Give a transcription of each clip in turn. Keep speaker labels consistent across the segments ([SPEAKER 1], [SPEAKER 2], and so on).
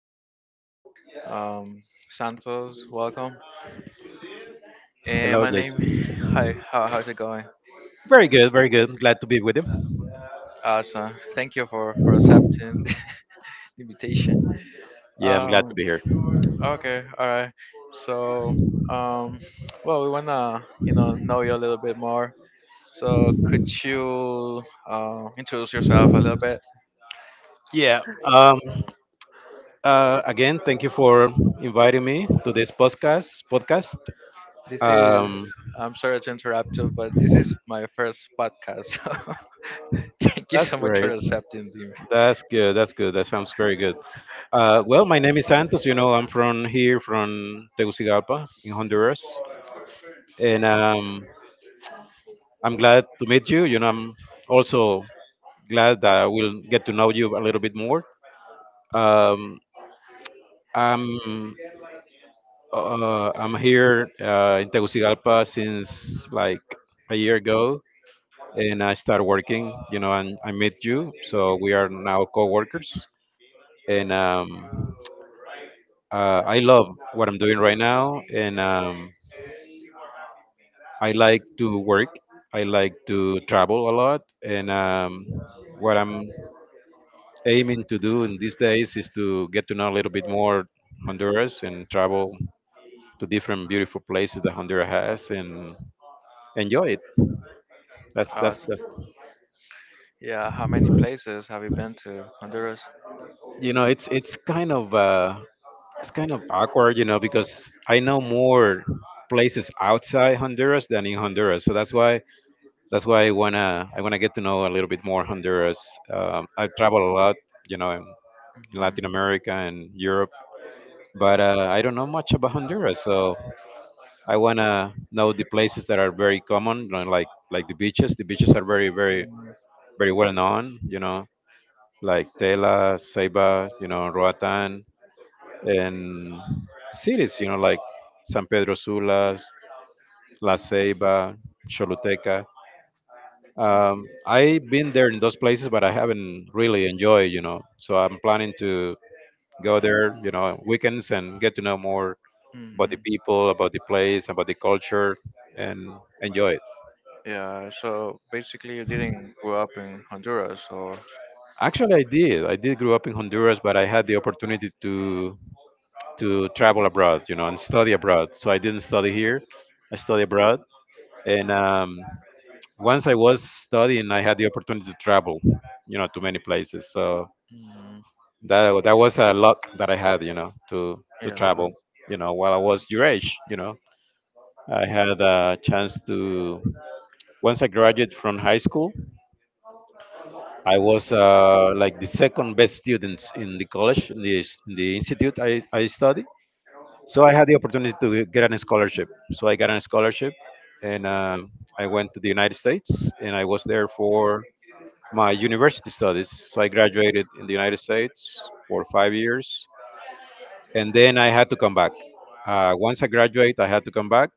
[SPEAKER 1] a guest, um, Santos. Welcome. And
[SPEAKER 2] Hello,
[SPEAKER 1] my name.
[SPEAKER 2] Jason.
[SPEAKER 1] Hi. How's it going?
[SPEAKER 2] Very good, very good. I'm glad to be with you.
[SPEAKER 1] Awesome. Thank you for accepting the invitation.
[SPEAKER 2] Yeah, I'm glad to be
[SPEAKER 1] Um.
[SPEAKER 2] here.
[SPEAKER 1] Okay. All right. So. Um. Well, we wanna know you a little bit more. So could you introduce yourself a little bit?
[SPEAKER 2] Yeah. Again, thank you for inviting me to this podcast.
[SPEAKER 1] This is.
[SPEAKER 2] Um.
[SPEAKER 1] I'm sorry to interrupt you, but this is my first podcast. Thank you
[SPEAKER 2] That's
[SPEAKER 1] so much for
[SPEAKER 2] great.
[SPEAKER 1] accepting me.
[SPEAKER 2] That's good. That's good. That sounds very good. Well, my name is Santos. You know, I'm from here, from Tegucigalpa, in Honduras, and I'm glad to meet you. You know, I'm also glad that I will get to know you a little bit more. Um, I'm I'm here in Tegucigalpa since like a year ago, and I started working. You know, and I met you, so we are now co-workers. And I love what I'm doing right now, and I like to work. I like to travel a lot, and what I'm aiming to do in these days is to get to know a little bit more Honduras and travel to different beautiful places that Honduras has and enjoy it.
[SPEAKER 1] Awesome.
[SPEAKER 2] That's
[SPEAKER 1] Yeah, how many places have you been to, Honduras?
[SPEAKER 2] You know, it's kind of it's kind of awkward, you know, because I know more places outside Honduras than in Honduras, so that's why I wanna get to know a little bit more Honduras. I travel a lot, you know, in Latin America and Europe, but I don't know much about Honduras, so I wanna know the places that are very common, you know, like the beaches. The beaches are very, very,
[SPEAKER 1] Mhm.
[SPEAKER 2] very well known. You know, like Tela, Ceiba, you know, Roatan, and cities. You know, like San Pedro Sula, La Ceiba, Choluteca. I've been there in those places, but I haven't really enjoyed. You know, so I'm planning to go there. You know, weekends and get to know more about the
[SPEAKER 1] Mhm.
[SPEAKER 2] people, about the place, about the culture, and enjoy it.
[SPEAKER 1] Yeah, so basically you didn't grow up in Honduras, so
[SPEAKER 2] Actually, I did. I did grow up in Honduras, but I had the opportunity to travel abroad, you know, and study abroad. So I didn't study here. I study abroad, and once I was studying, I had the opportunity to travel, you know, to many places. So
[SPEAKER 1] mm,
[SPEAKER 2] that was a luck that I had, you know, to
[SPEAKER 1] yeah,
[SPEAKER 2] travel, you know, while I was your age, you know, I had a chance to once I graduated from high school. I was like the second best student in the college, in the institute I study. So I had the opportunity to get a scholarship. So I got a scholarship and I went to the United States and I was there for my university studies. So I graduated in the United States for 5 years and then I had to come back. Once I graduate, I had to come back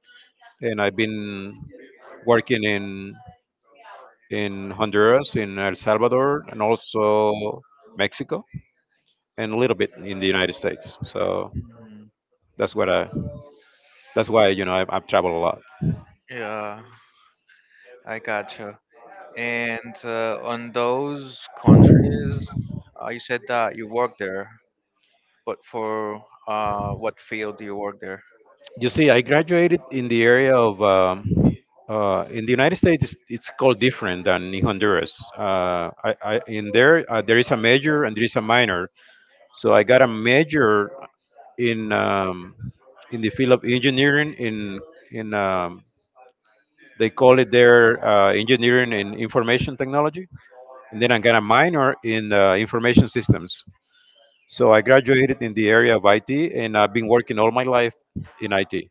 [SPEAKER 2] and I've been working in Honduras, in El Salvador, and also Mexico and a little bit in the United States. So
[SPEAKER 1] mm,
[SPEAKER 2] that's what I. That's why, you know, I've traveled a lot.
[SPEAKER 1] yeah, I gotcha. And on those countries, you said that you work there, but for what field do you work there?
[SPEAKER 2] You see, I graduated in the area of. In the United States, it's called different than in Honduras. In there, there is a major and there is a minor. So I got a major in um, in the field of engineering. In they call it there engineering in information technology, and then I got a minor in information systems. So I graduated in the area of IT, and I've been working all my life in IT.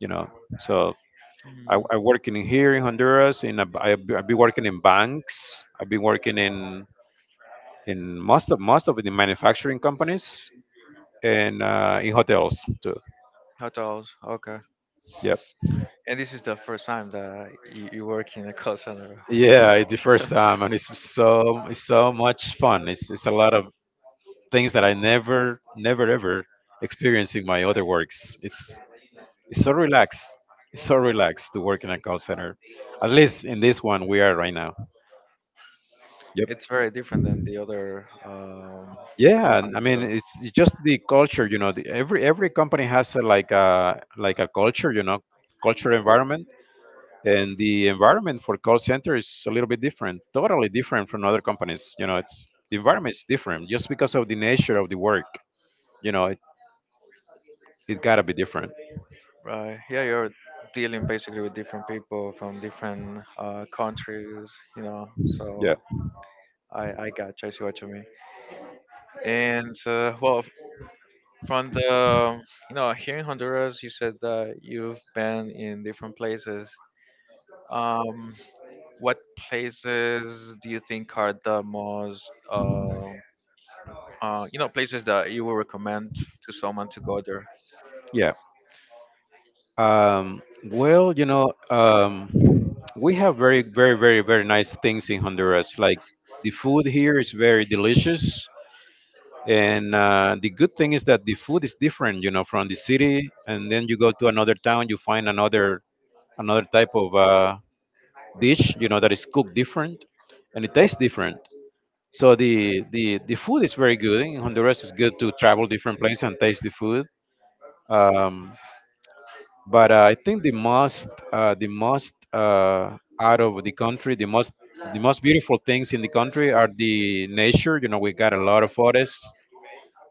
[SPEAKER 2] You know, so I,
[SPEAKER 1] Mm,
[SPEAKER 2] I'm working in here in Honduras, and I've been working in banks. I've been working in most of the manufacturing companies and in hotels too.
[SPEAKER 1] hotels, okay.
[SPEAKER 2] Yep.
[SPEAKER 1] And this is the first time that you work in a call center.
[SPEAKER 2] Yeah, it's the first time, and it's so much fun. It's a lot of things that I never, never ever experienced in my other works. It's so relaxed. It's so relaxed to work in a call center. At least in this one we are right now.
[SPEAKER 1] It's
[SPEAKER 2] Yep.
[SPEAKER 1] very different than the other
[SPEAKER 2] Yeah, and I
[SPEAKER 1] companies.
[SPEAKER 2] mean,
[SPEAKER 1] So
[SPEAKER 2] it's just the culture, you know. Every company has like a culture, you know, culture environment, and the environment for call center is a little bit different, totally different from other companies. You know, it's the environment is different just because of the nature of the work. You know, it gotta be different.
[SPEAKER 1] right. Yeah, you're dealing basically with different people from different countries, you know.
[SPEAKER 2] Yeah,
[SPEAKER 1] So I got you. I see what you mean. And well, from the you know here in Honduras, you said that you've been in different places. Um, what places do you think are the most you know places that you would recommend to someone to go there?
[SPEAKER 2] yeah. Well, you know, we have very, very, very, very nice things in Honduras. Like the food here is very delicious. And the good thing is that the food is different, you know, from the city. And then you go to another town, you find another type of dish, you know, that is cooked different, and it tastes different. So the food is very good in Honduras. It's good to travel different places and taste the food. Um, but I think the most out of the country, the most beautiful things in the country are the nature. You know, we got a lot of forests,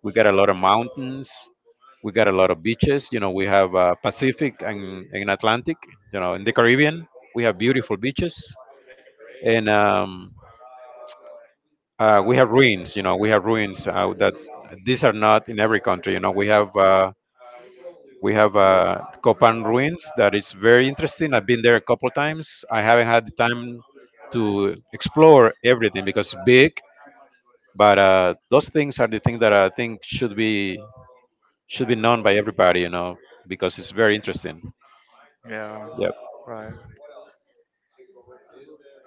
[SPEAKER 2] we got a lot of mountains, we got a lot of beaches. You know, we have Pacific and Atlantic. You know, in the Caribbean, we have beautiful beaches, and we have ruins. You know, we have ruins that these are not in every country. You know, we have Copan Ruins that is very interesting. I've been there a couple of times. I haven't had the time to explore everything because it's big, but those things are the things that I think should be known by everybody, you know, because it's very interesting.
[SPEAKER 1] Yeah,
[SPEAKER 2] Yep.
[SPEAKER 1] right.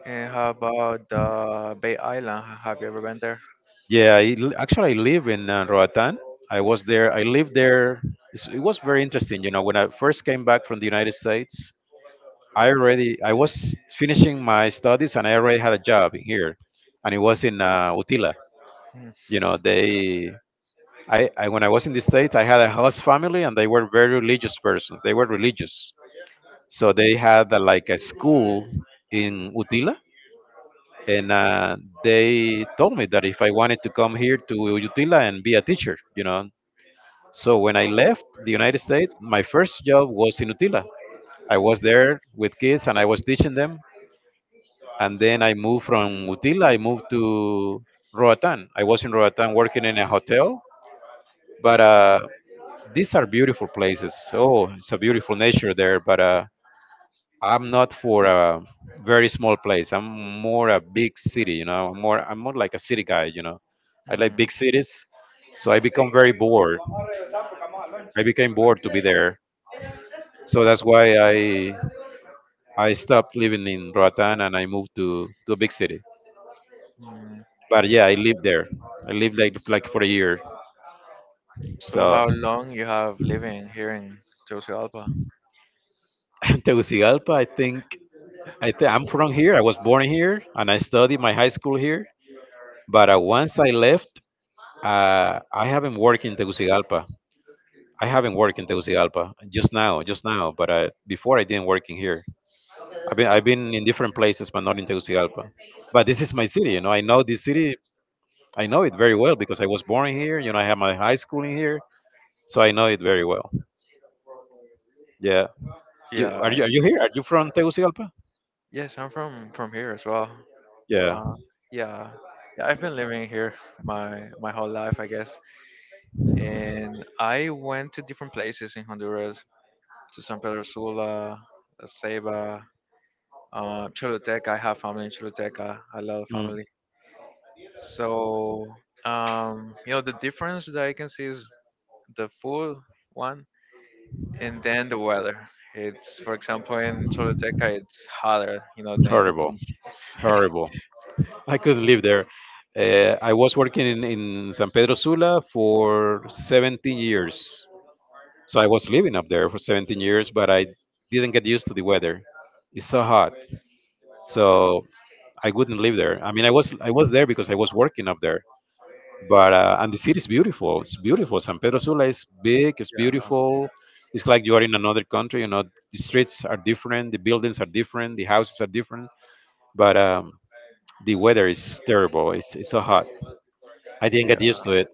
[SPEAKER 1] And how about the Bay Island? Have you ever been there?
[SPEAKER 2] Yeah, actually, I live in Roatan. I was there. I lived there. It was very interesting. You know, when I first came back from the United States, I was finishing my studies and I already had a job here, and it was in Utila. You know, they I when I was in the states, I had a host family and they were very religious person. They were religious, so they had like a school in Utila, and they told me that if I wanted to come here to Utila and be a teacher, you know. So when I left the United States, my first job was in Utila. I was there with kids and I was teaching them and then I moved from Utila. I moved to Roatan. I was in Roatan working in a hotel, but these are beautiful places. Oh, it's a beautiful nature there, but I'm not for a very small place. I'm more a big city, you know. I'm more like a city guy, you know. I like
[SPEAKER 1] Hmm,
[SPEAKER 2] big cities, so I become very bored. I
[SPEAKER 1] hmm.
[SPEAKER 2] became bored to be there, so that's why I stopped living in Roatan and I moved to a big city. But yeah, I lived there. I lived like for a year.
[SPEAKER 1] So
[SPEAKER 2] So
[SPEAKER 1] how long you have living here in Tegucigalpa?
[SPEAKER 2] Tegucigalpa, I think I'm from here. I was born here and I studied my high school here. But once I left, I haven't worked in Tegucigalpa. I haven't worked in Tegucigalpa just now, just now. But before I didn't work in here. I've been in different places, but not in Tegucigalpa. But this is my city. You know, I know this city. I know it very well because I was born here. You know, I have my high school in here, so I know it very well. Yeah.
[SPEAKER 1] Yeah. I-
[SPEAKER 2] Are you here? Are you from Tegucigalpa?
[SPEAKER 1] Yes, I'm from here as well.
[SPEAKER 2] Yeah.
[SPEAKER 1] Uh, yeah. Yeah, I've been living here my whole life, I guess. And I went to different places in Honduras, to San Pedro Sula, La Ceiba, Choluteca. I have family in Choluteca. I love
[SPEAKER 2] Mm.
[SPEAKER 1] family. So, you know, the difference that I can see is the food one, and then the weather. It's, for example, in Choluteca, it's hotter, you know, than
[SPEAKER 2] Horrible. It's horrible. I couldn't live there. I was working in San Pedro Sula for 17 years. So I was living up there for 17 years, but I didn't get used to the weather. It's so hot. So I wouldn't live there. I mean, I was there because I was working up there. But and the city is beautiful. It's beautiful. San Pedro Sula is big. It's
[SPEAKER 1] yeah,
[SPEAKER 2] beautiful. It's like you are in another country. You know, the streets are different. The buildings are different. The houses are different. But the weather is terrible. It's so hot. I didn't get used to it.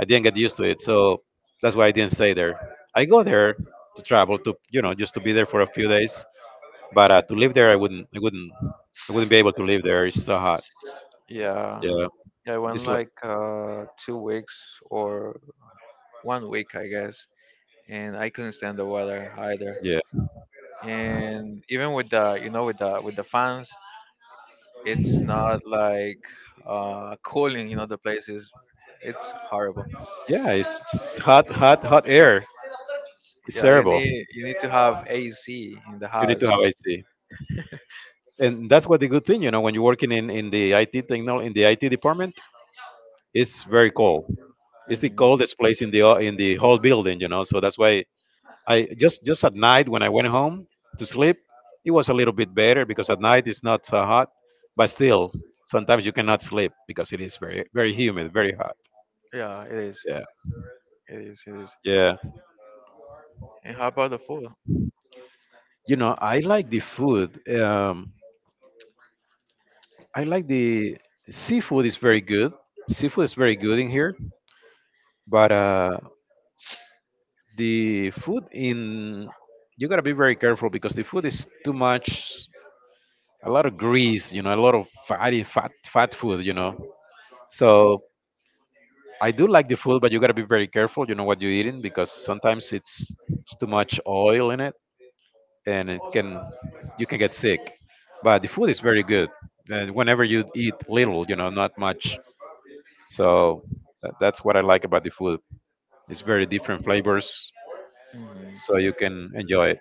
[SPEAKER 2] I didn't get used to it. So that's why I didn't stay there. I go there to travel to, you know, just to be there for a few days, but to live there I wouldn't. I wouldn't. I wouldn't be able to live there. It's so hot.
[SPEAKER 1] yeah,
[SPEAKER 2] Yeah.
[SPEAKER 1] yeah. I went
[SPEAKER 2] It's like
[SPEAKER 1] like 2 weeks or one week, I guess, and I couldn't stand the weather either.
[SPEAKER 2] yeah.
[SPEAKER 1] And even with the, you know, with the fans, it's not like cooling in other places. It's horrible.
[SPEAKER 2] Yeah. It's just hot, hot, hot air. It's
[SPEAKER 1] Yeah,
[SPEAKER 2] terrible.
[SPEAKER 1] you need to have AC in the
[SPEAKER 2] You need to
[SPEAKER 1] house.
[SPEAKER 2] have AC. And that's what the good thing, you know, when you're working in the IT technol in the IT department, it's very cold. It's the
[SPEAKER 1] Mhm.
[SPEAKER 2] coldest place in the whole building, you know. So that's why I just at night when I went home to sleep, it was a little bit better because at night it's not so hot, but still sometimes you cannot sleep because it is very humid, very hot.
[SPEAKER 1] Yeah, it is.
[SPEAKER 2] Yeah,
[SPEAKER 1] It is. It is.
[SPEAKER 2] yeah.
[SPEAKER 1] And how about the food?
[SPEAKER 2] You know, I like the food. I like the seafood is very good. Seafood is very good in here, but the food in you gotta be very careful because the food is too much. A lot of grease, you know, a lot of fatty fat food, you know. So I do like the food, but you gotta be very careful. You know what you're eating because sometimes it's too much oil in it, and it can you can get sick. But the food is very good. And whenever you eat little, you know, not much. So that's what I like about the food. It's very different flavors,
[SPEAKER 1] Mhm.
[SPEAKER 2] so you can enjoy it.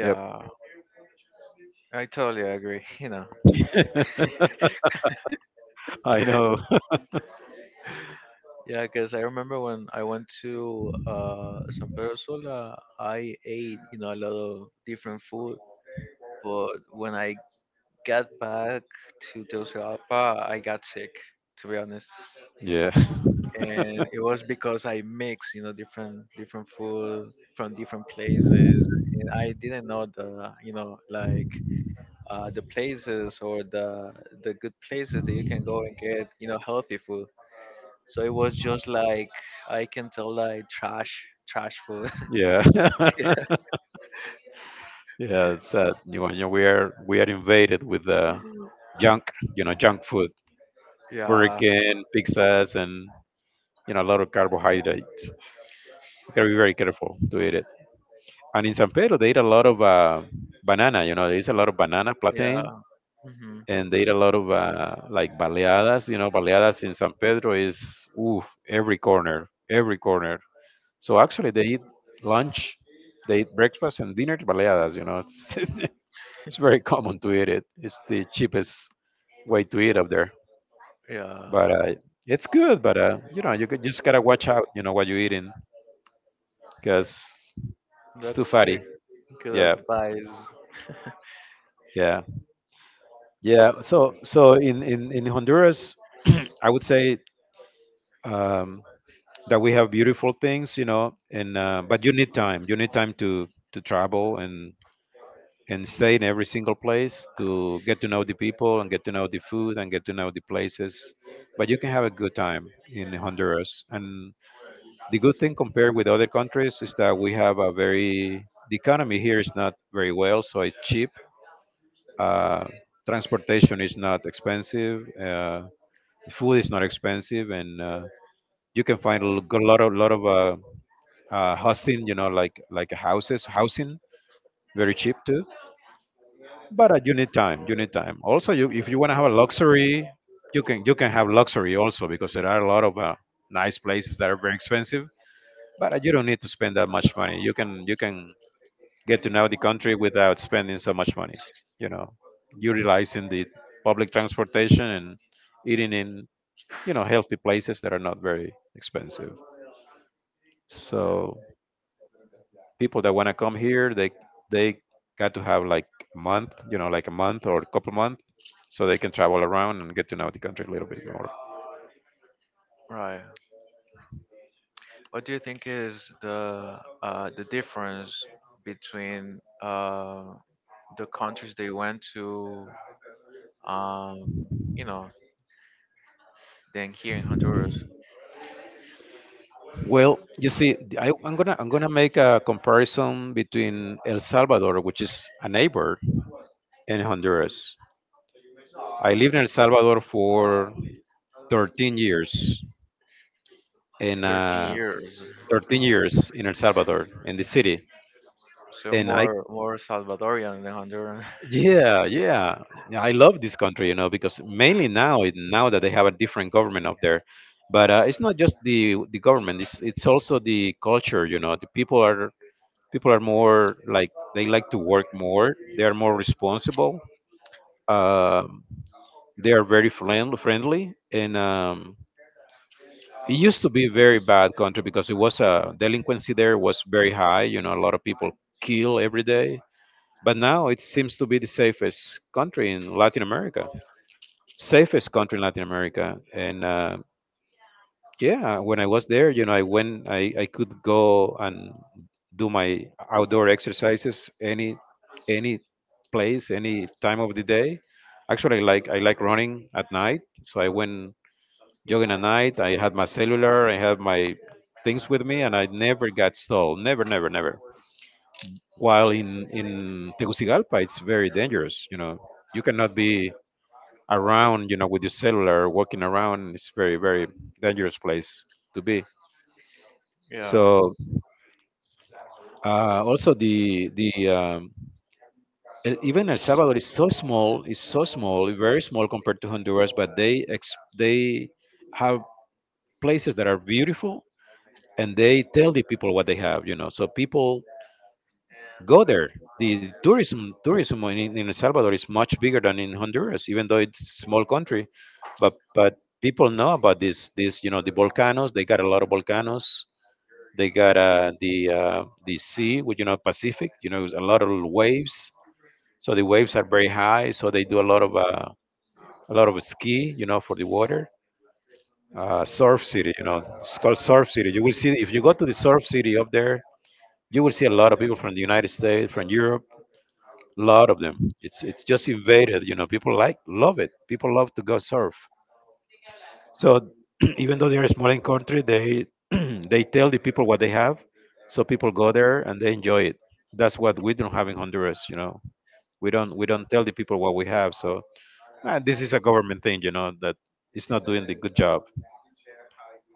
[SPEAKER 2] Yep.
[SPEAKER 1] I totally agree. You know.
[SPEAKER 2] I know.
[SPEAKER 1] Yeah, because I remember when I went to San Pedro Sula, I ate you know a lot of different food, but when I got back to Tegucigalpa, I got sick, to be honest,
[SPEAKER 2] Yeah.
[SPEAKER 1] and it was because I mixed you know different food from different places, and I didn't know the you know like. The places or the good places that you can go and get you know healthy food. So it was just like I can tell like trash, trash food.
[SPEAKER 2] Yeah. Yeah, it's sad. You know, we are invaded with junk, you know, junk food, Burger
[SPEAKER 1] Yeah,
[SPEAKER 2] King, pizzas, and you know a lot of carbohydrates. You gotta be very careful to eat it. And in San Pedro, they eat a lot of banana. You know, there is a lot of banana plantain,
[SPEAKER 1] yeah, hmm,
[SPEAKER 2] and they eat a lot of like baleadas. You know, baleadas in San Pedro is oof every corner, every corner. So actually, they eat lunch, they eat breakfast and dinner baleadas. You know, it's it's very common to eat it. It's the cheapest way to eat up there,
[SPEAKER 1] yeah,
[SPEAKER 2] but it's good. But you know, you could, just gotta watch out. You know what you're eating because it's too
[SPEAKER 1] that's a
[SPEAKER 2] fatty.
[SPEAKER 1] good
[SPEAKER 2] Yeah,
[SPEAKER 1] advice.
[SPEAKER 2] yeah, yeah. So in Honduras, I would say. Um, that we have beautiful things, you know, and but you need time. You need time to travel and stay in every single place to get to know the people and get to know the food and get to know the places. But you can have a good time in Honduras. And the good thing compared with other countries is that we have a very the economy here is not very well, so it's cheap. Uh, transportation is not expensive. Food is not expensive, and you can find a lot of hosting, you know, like houses, housing, very cheap too. But you need time. You need time. Also, you if you want to have a luxury, you can have luxury also because there are a lot of nice places that are very expensive. But you don't need to spend that much money. You can get to know the country without spending so much money. You know, utilizing the public transportation and eating in you know healthy places that are not very expensive. So people that want to come here they they got to have like a month, you know, like a month or a couple months so they can travel around and get to know the country a little bit more.
[SPEAKER 1] Right. What do you think is the difference between the countries they went to, um, you know, than here in Honduras?
[SPEAKER 2] Well, you see, I am gonna I'm gonna make a comparison between El Salvador, which is a neighbor, and Honduras. I lived in El Salvador for 13 years, in
[SPEAKER 1] 13 years.
[SPEAKER 2] 13 years in El Salvador, in the city,
[SPEAKER 1] So
[SPEAKER 2] and I
[SPEAKER 1] more more Salvadorian than Honduran.
[SPEAKER 2] yeah, yeah. Yeah, I love this country, you know, because mainly now, now that they have a different government up there, but it's not just the government. It's also the culture, you know. The people are more like they like to work more. They are more responsible. Um, they are very friendly, friendly, and it used to be a very bad country because it was delinquency there was very high. You know, a lot of people kill every day. But now it seems to be the safest country in Latin America. Safest country in Latin America. And yeah, when I was there, you know, I could go and do my outdoor exercises any place, any time of the day. Actually, I like running at night, so I went jogging at night. I had my cellular, I had my things with me, and I never got stole. Never, never, never. While in Tegucigalpa, it's very dangerous. You know, you cannot be around, you know, with your cellular, walking around it's very, very dangerous place to be.
[SPEAKER 1] Yeah,
[SPEAKER 2] So also even El Salvador is so small, very small compared to Honduras, but they have places that are beautiful and they tell the people what they have, you know. So people go there. The tourism in El Salvador is much bigger than in Honduras, even though it's a small country. But people know about this you know the volcanoes. They got a lot of volcanoes. They got the sea, which you know Pacific. You know a lot of waves. So the waves are very high. So they do a lot of ski. You know for the water. Surf city. You know it's called surf city. You will see if you go to the surf city up there. You will see a lot of people from the United States, from Europe. A lot of them. It's just invaded. You know, people like love it. People love to go surf. So even though they're a small in country, they they tell the people what they have, so people go there and they enjoy it. That's what we don't have in Honduras. You know, we don't tell the people what we have. So ah, this is a government thing. You know that it's not doing the good job.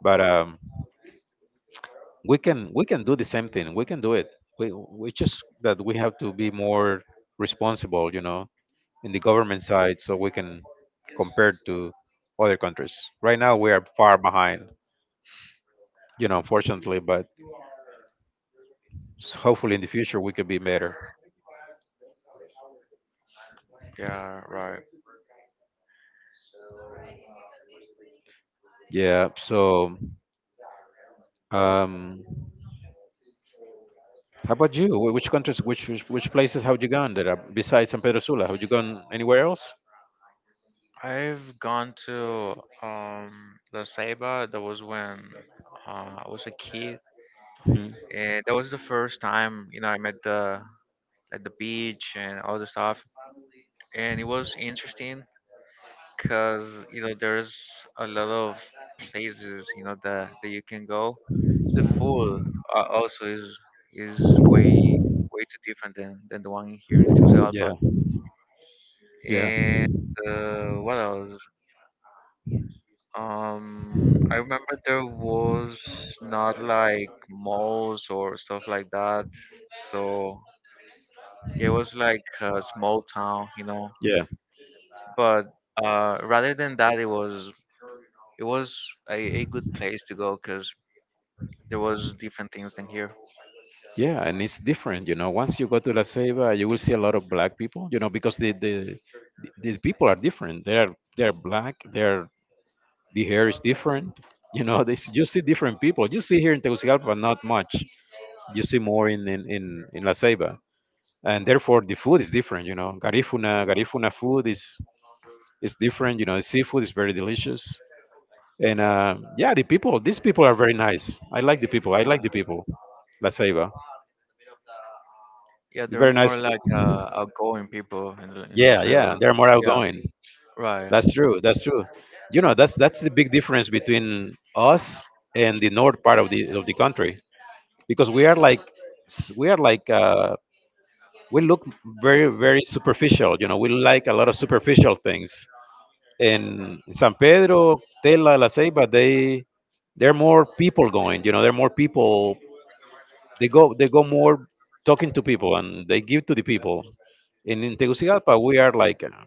[SPEAKER 2] But we can do the same thing. We can do it. We just that we have to be more responsible. You know, in the government side so we can compare to other countries. Right now, we are far behind, you know, unfortunately, but hopefully in the future we could be better.
[SPEAKER 1] yeah, right.
[SPEAKER 2] Yeah. So, um, how about you? Which countries, which places have you gone that are, besides San Pedro Sula? Have you gone anywhere else?
[SPEAKER 1] I've gone to La Ceiba. That was when I was a kid,
[SPEAKER 2] Mhm.
[SPEAKER 1] and that was the first time you know I met the at the beach and all the stuff. And it was interesting because you know there's a lot of places you know that that you can go. The food also is way too different than the one here in Tegucigalpa.
[SPEAKER 2] Yeah. Yeah.
[SPEAKER 1] And what else? I remember there was not like malls or stuff like that. So it was like a small town, you know.
[SPEAKER 2] Yeah.
[SPEAKER 1] But rather than that, it was a good place to go because there was different things than here.
[SPEAKER 2] Yeah, and it's different, you know. Once you go to La Ceiba, you will see a lot of black people, you know, because the people are different. They're black, they're the hair is different. You know, you see different people. You see here in Tegucigalpa, not much. You see more in La Ceiba, and therefore the food is different. You know, Garifuna food is different. You know, seafood is very delicious, and yeah, the people. These people are very nice. I like the people. I like
[SPEAKER 1] Uh,
[SPEAKER 2] the people. La Ceiba,
[SPEAKER 1] yeah, they're
[SPEAKER 2] very nice.
[SPEAKER 1] more like outgoing people in La
[SPEAKER 2] Yeah, yeah,
[SPEAKER 1] Selva.
[SPEAKER 2] they're more
[SPEAKER 1] Yeah,
[SPEAKER 2] outgoing.
[SPEAKER 1] right.
[SPEAKER 2] That's true. That's true. You know, that's the big difference between us and the north part of the country because we are like s- we are like uh, we look very superficial, you know, we like a lot of superficial things in San Pedro, Tela, La Ceiba, they there are more people going, you know, there are more people, they go more talking to people and they give to the people. And in Tegucigalpa we are like,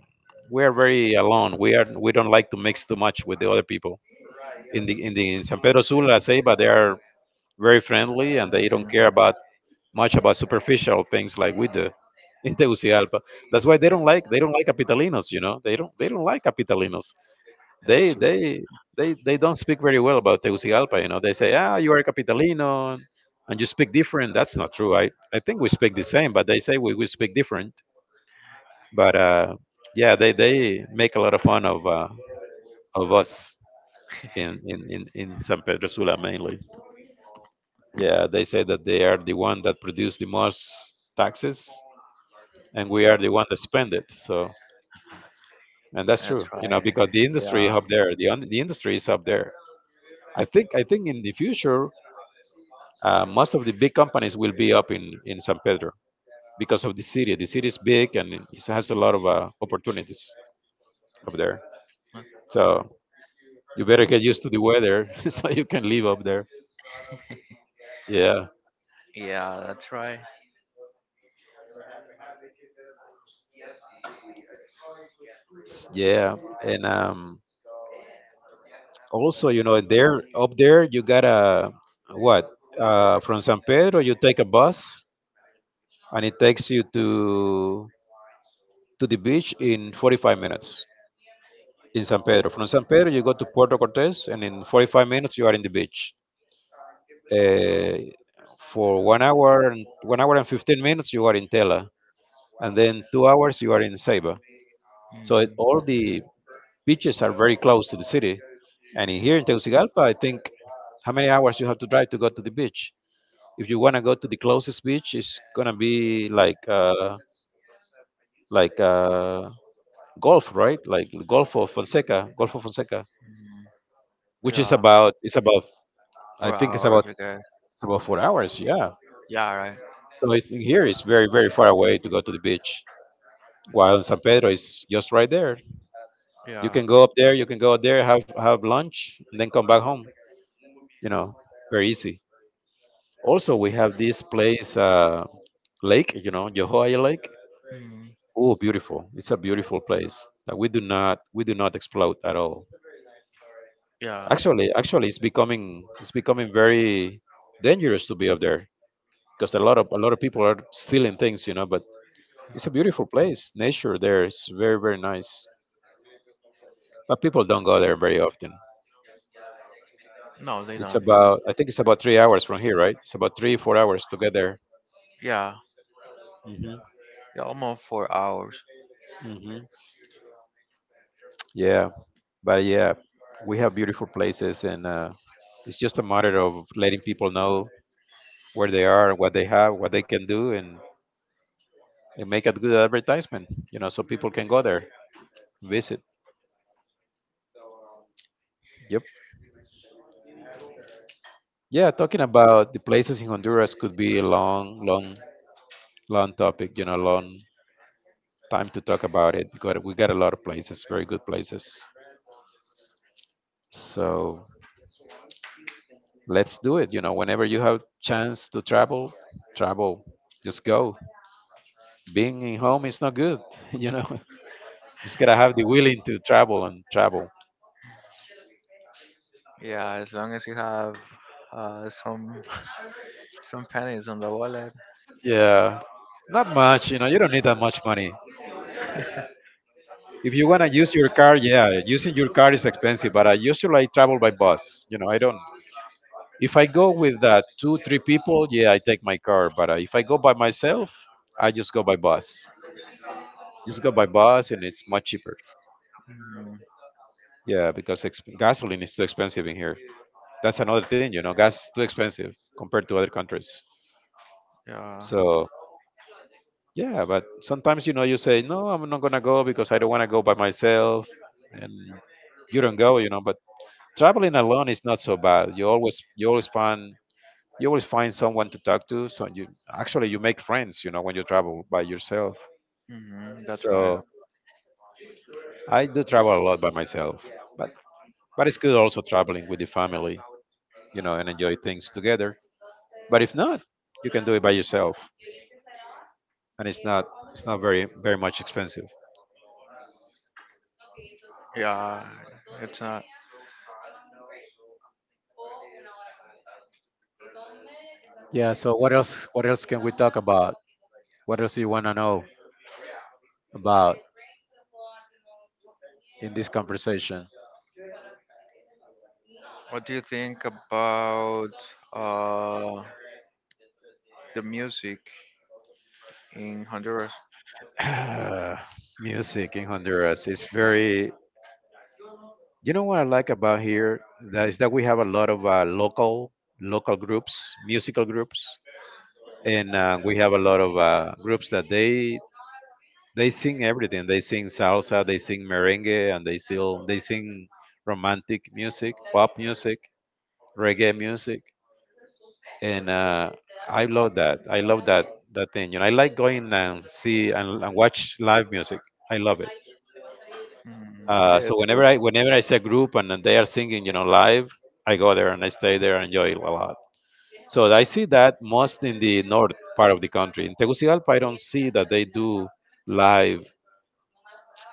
[SPEAKER 2] we are very alone, we don't like to mix too much with the other people. In the in the in San Pedro Sula, Ceiba, they are very friendly and they don't care about much about superficial things like we do in Tegucigalpa. That's why they don't like Capitalinos. You know, they don't like Capitalinos. They
[SPEAKER 1] True.
[SPEAKER 2] they they don't speak very well about Tegucigalpa. You know, they say ah you are a Capitalino and you speak different. That's not true. I think we speak the same, but they say we speak different. But yeah, they make a lot of fun of us. In San Pedro Sula mainly. Yeah, they say that they are the one that produce the most taxes and we are the one that spend it. So, and that's true, you know, because the industry up there, the industry is up there. I think in the future, most of the big companies will be up in San Pedro because of the city. The city is big and it has a lot of opportunities up there. So you better get used to the weather so you can live up there. Yeah,
[SPEAKER 1] Yeah, that's right.
[SPEAKER 2] S- yeah, and also you know there up there you gotta what from San Pedro you take a bus and it takes you to the beach in 45 minutes in San Pedro. From San Pedro, you go to Puerto Cortes, and in 45 minutes, you are in the beach. Uh, for 1 hour and 15 minutes, you are in Tela, and then 2 hours, you are in Ceiba. All the beaches are very close to the city. Here in Tegucigalpa, I think how many hours you have to drive to go to the beach? If you want to go to the closest beach, it's gonna be like like uh, Golf, right? Like Golfo Fonseca,
[SPEAKER 1] Mm,
[SPEAKER 2] which is
[SPEAKER 1] yeah,
[SPEAKER 2] about I
[SPEAKER 1] four
[SPEAKER 2] think
[SPEAKER 1] hours, okay.
[SPEAKER 2] it's about 4 hours. Yeah.
[SPEAKER 1] Yeah, right.
[SPEAKER 2] So here it's very far away to go to the beach. While in San Pedro is just right there. You
[SPEAKER 1] Yeah.
[SPEAKER 2] can go up there, you can go out there, have lunch, and then come back home. You know, very easy. Also, we have this place, lake. You know, Yohoai Lake.
[SPEAKER 1] Mm,
[SPEAKER 2] Oh, beautiful! It's a beautiful place that we do not exploit at all.
[SPEAKER 1] yeah.
[SPEAKER 2] Actually, it's becoming very dangerous to be up there because a lot of people are stealing things, you know. But it's a beautiful place. Nature there is very nice, but people don't go there very often.
[SPEAKER 1] No, they
[SPEAKER 2] It's
[SPEAKER 1] don't.
[SPEAKER 2] about 3 hours from here, right? It's about three four hours to get there.
[SPEAKER 1] Yeah,
[SPEAKER 2] Hmm.
[SPEAKER 1] yeah, almost 4 hours.
[SPEAKER 2] Hmm. Yeah, but yeah, we have beautiful places, and it's just a matter of letting people know where they are, what they have, what they can do, and make a good advertisement, you know, so people can go there. Visit. Yep. Yeah, talking about the places in Honduras could be a long topic, you know, long time to talk about it because we got a lot of places, very good places. So let's do it. You know, whenever you have chance to travel, travel. Just go. Being in home is not good, you know. Just gotta have the willing to travel and travel.
[SPEAKER 1] Yeah, as long as you have some some pennies on the wallet.
[SPEAKER 2] Yeah. Not much, you know, you don't need that much money. If you want to use your car, yeah, using your car is expensive, but I usually travel by bus. You know, I don't. If I go with two, three people, yeah, I take my car. But if I go by myself, I just go by bus. Just go by bus, and it's much cheaper.
[SPEAKER 1] Mm,
[SPEAKER 2] Yeah, because gasoline is too expensive in here. That's another thing, you know, gas is too expensive compared to other countries.
[SPEAKER 1] yeah.
[SPEAKER 2] So yeah, but sometimes you know you say no, I'm not gonna go because I don't want to go by myself, and you don't go, you know. But traveling alone is not so bad. You always find someone to talk to so you actually you make friends you know when you travel by yourself.
[SPEAKER 1] Hmm, that's right.
[SPEAKER 2] So I do travel a lot by myself, but it's good also traveling with the family, you know, and enjoy things together. But if not, you can do it by yourself, and it's not very much expensive.
[SPEAKER 1] Yeah. It's not.
[SPEAKER 2] Yeah, so what else can we talk about? What else do you want to know about in this conversation?
[SPEAKER 1] What do you think about uh the music in Honduras?
[SPEAKER 2] Music in Honduras is very. You know what I like about here that is that we have a lot of local groups, musical groups, and we have a lot of groups that they sing everything. They sing salsa, they sing merengue, and they still they sing romantic music, pop music, reggae music, and I love that. I love that that thing. You know, I like going and see and watch live music. I love it.
[SPEAKER 1] Hmm,
[SPEAKER 2] Uh,
[SPEAKER 1] yeah,
[SPEAKER 2] so
[SPEAKER 1] it's cool.
[SPEAKER 2] whenever I whenever I see a group and they are singing, you know, live, I go there and I stay there and enjoy it a lot. So I see that most in the north part of the country. In Tegucigalpa, I don't see that they do live,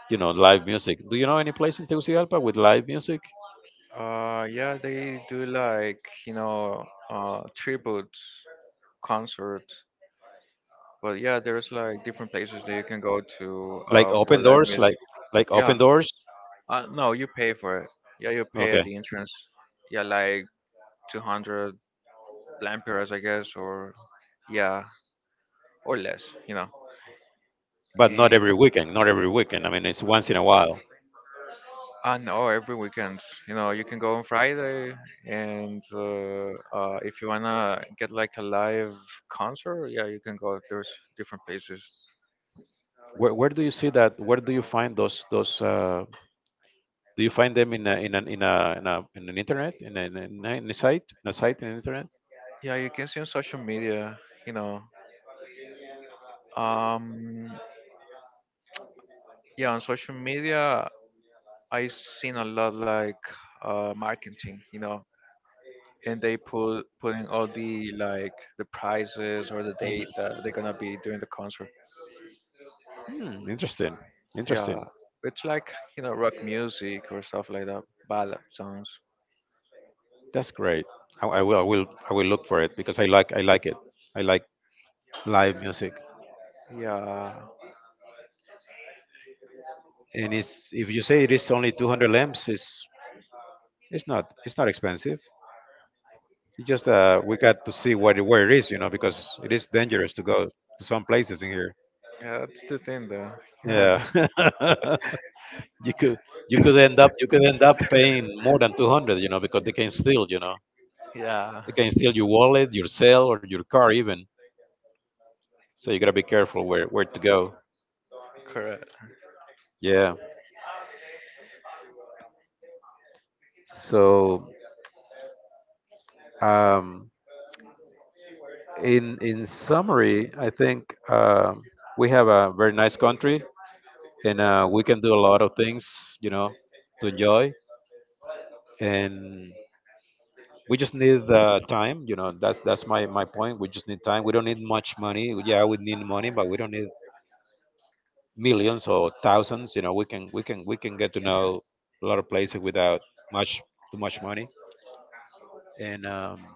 [SPEAKER 2] you know, live music. Do you know any place in Tegucigalpa with live music,
[SPEAKER 1] Yeah, they do like, you know, tribute concerts. But yeah, there's like different places that you can go to
[SPEAKER 2] like
[SPEAKER 1] for
[SPEAKER 2] open
[SPEAKER 1] live
[SPEAKER 2] doors, like
[SPEAKER 1] music.
[SPEAKER 2] like open
[SPEAKER 1] Yeah,
[SPEAKER 2] doors?
[SPEAKER 1] no, you pay for it. Yeah, you pay
[SPEAKER 2] Okay,
[SPEAKER 1] at the entrance. Yeah, like 200 lampiras, I guess, or yeah, or less, you know.
[SPEAKER 2] but not
[SPEAKER 1] And
[SPEAKER 2] every weekend. Not every weekend. I mean, it's once in a while.
[SPEAKER 1] no, every weekend, you know, you can go on Friday, and if you wanna get like a live concert, yeah, you can go. There's different places.
[SPEAKER 2] Where do you see that? Where do you find those do you find them in a, in an in a, in, a, in an internet in a, in a, in a in a site in a site in an internet?
[SPEAKER 1] Yeah, you can see on social media, you know. Um, yeah, on social media, I seen a lot like marketing, you know, and they putting all the like the prices or the date
[SPEAKER 2] Mhm.
[SPEAKER 1] that they're gonna be doing the concert.
[SPEAKER 2] Hmm, interesting,
[SPEAKER 1] Yeah,
[SPEAKER 2] interesting.
[SPEAKER 1] it's like you know rock music or stuff like that, ballad songs.
[SPEAKER 2] That's great. I will look for it because I like it. I like live music.
[SPEAKER 1] Yeah,
[SPEAKER 2] And it's if you say it is only 200 lamps, it's not expensive. It's just we got to see where it is, you know, because it is dangerous to go to some places in here.
[SPEAKER 1] yeah, that's the thing though.
[SPEAKER 2] Yeah.
[SPEAKER 1] Yeah,
[SPEAKER 2] you could you could end up you could end up paying more than 200, you know, because they can steal, you know,
[SPEAKER 1] yeah.
[SPEAKER 2] they can steal your wallet, your cell, or your car even. So you got to be careful where to go.
[SPEAKER 1] Correct.
[SPEAKER 2] Yeah. So um in summary I think we have a very nice country, and we can do a lot of things, you know, to enjoy. And we just need time, you know. That's my my point. We just need time. We don't need much money. Yeah, we need money, but we don't need millions or thousands, you know. We can get to know a lot of places without much too much money. And um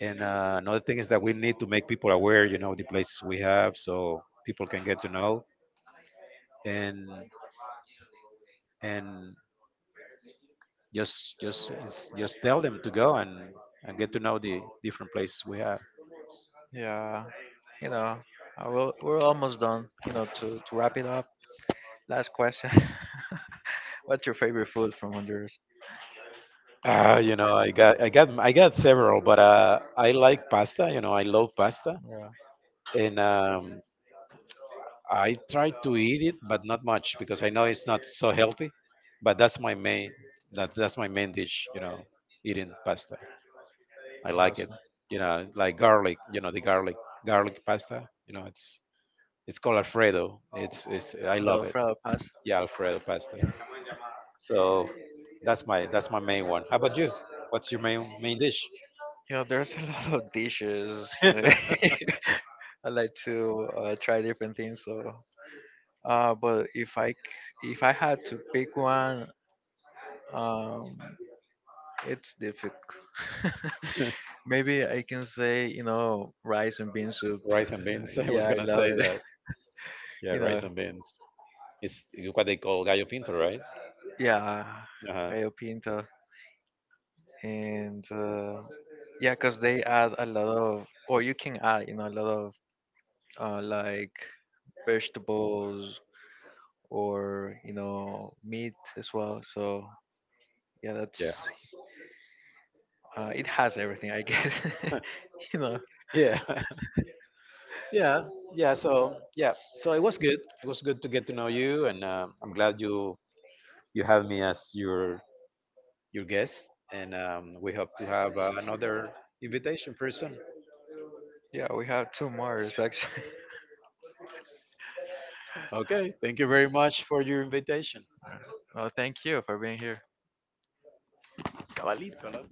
[SPEAKER 2] and uh, another thing is that we need to make people aware, you know, the places we have so people can get to know. and and just tell them to go and get to know the different places we have.
[SPEAKER 1] Yeah. You know, we're almost done. You know, to wrap it up, last question. What's your favorite food from Honduras?
[SPEAKER 2] You know, I got several, but I like pasta, you know, I love pasta.
[SPEAKER 1] Yeah.
[SPEAKER 2] And I try to eat it, but not much because I know it's not so healthy. But that's my main, that's my main dish. You know, eating pasta. I like it.
[SPEAKER 1] Awesome.
[SPEAKER 2] You know, like garlic. You know, the garlic pasta. You know, it's called Alfredo. It's I
[SPEAKER 1] The
[SPEAKER 2] love it.
[SPEAKER 1] Alfredo.
[SPEAKER 2] Yeah, Alfredo pasta. So that's my main one. How about you? What's your main dish?
[SPEAKER 1] You know, there's a lot of dishes. You know, I like to try different things. So, but if I had to pick one, um, it's difficult. Maybe I can say, you know, rice and bean soup.
[SPEAKER 2] Rice and beans. I
[SPEAKER 1] Yeah,
[SPEAKER 2] was
[SPEAKER 1] I
[SPEAKER 2] gonna
[SPEAKER 1] love
[SPEAKER 2] say
[SPEAKER 1] it.
[SPEAKER 2] that. Yeah,
[SPEAKER 1] You
[SPEAKER 2] rice
[SPEAKER 1] know,
[SPEAKER 2] and beans. It's what they call gallo pinto, right?
[SPEAKER 1] yeah,
[SPEAKER 2] Uh huh.
[SPEAKER 1] gallo pinto, and yeah, cause they add a lot of, or you can add, you know, a lot of like vegetables or you know meat as well. So yeah,
[SPEAKER 2] Yeah.
[SPEAKER 1] that's it has everything, I guess. You know,
[SPEAKER 2] Yeah. Yeah, yeah. So yeah, so it was good. It was good to get to know you, and I'm glad you you had me as your guest. And we hope to have another invitation pretty soon.
[SPEAKER 1] yeah, we have two Marios actually.
[SPEAKER 2] Okay, thank you very much for your invitation.
[SPEAKER 1] All right. Well, thank you for being here.
[SPEAKER 2] Cabalito,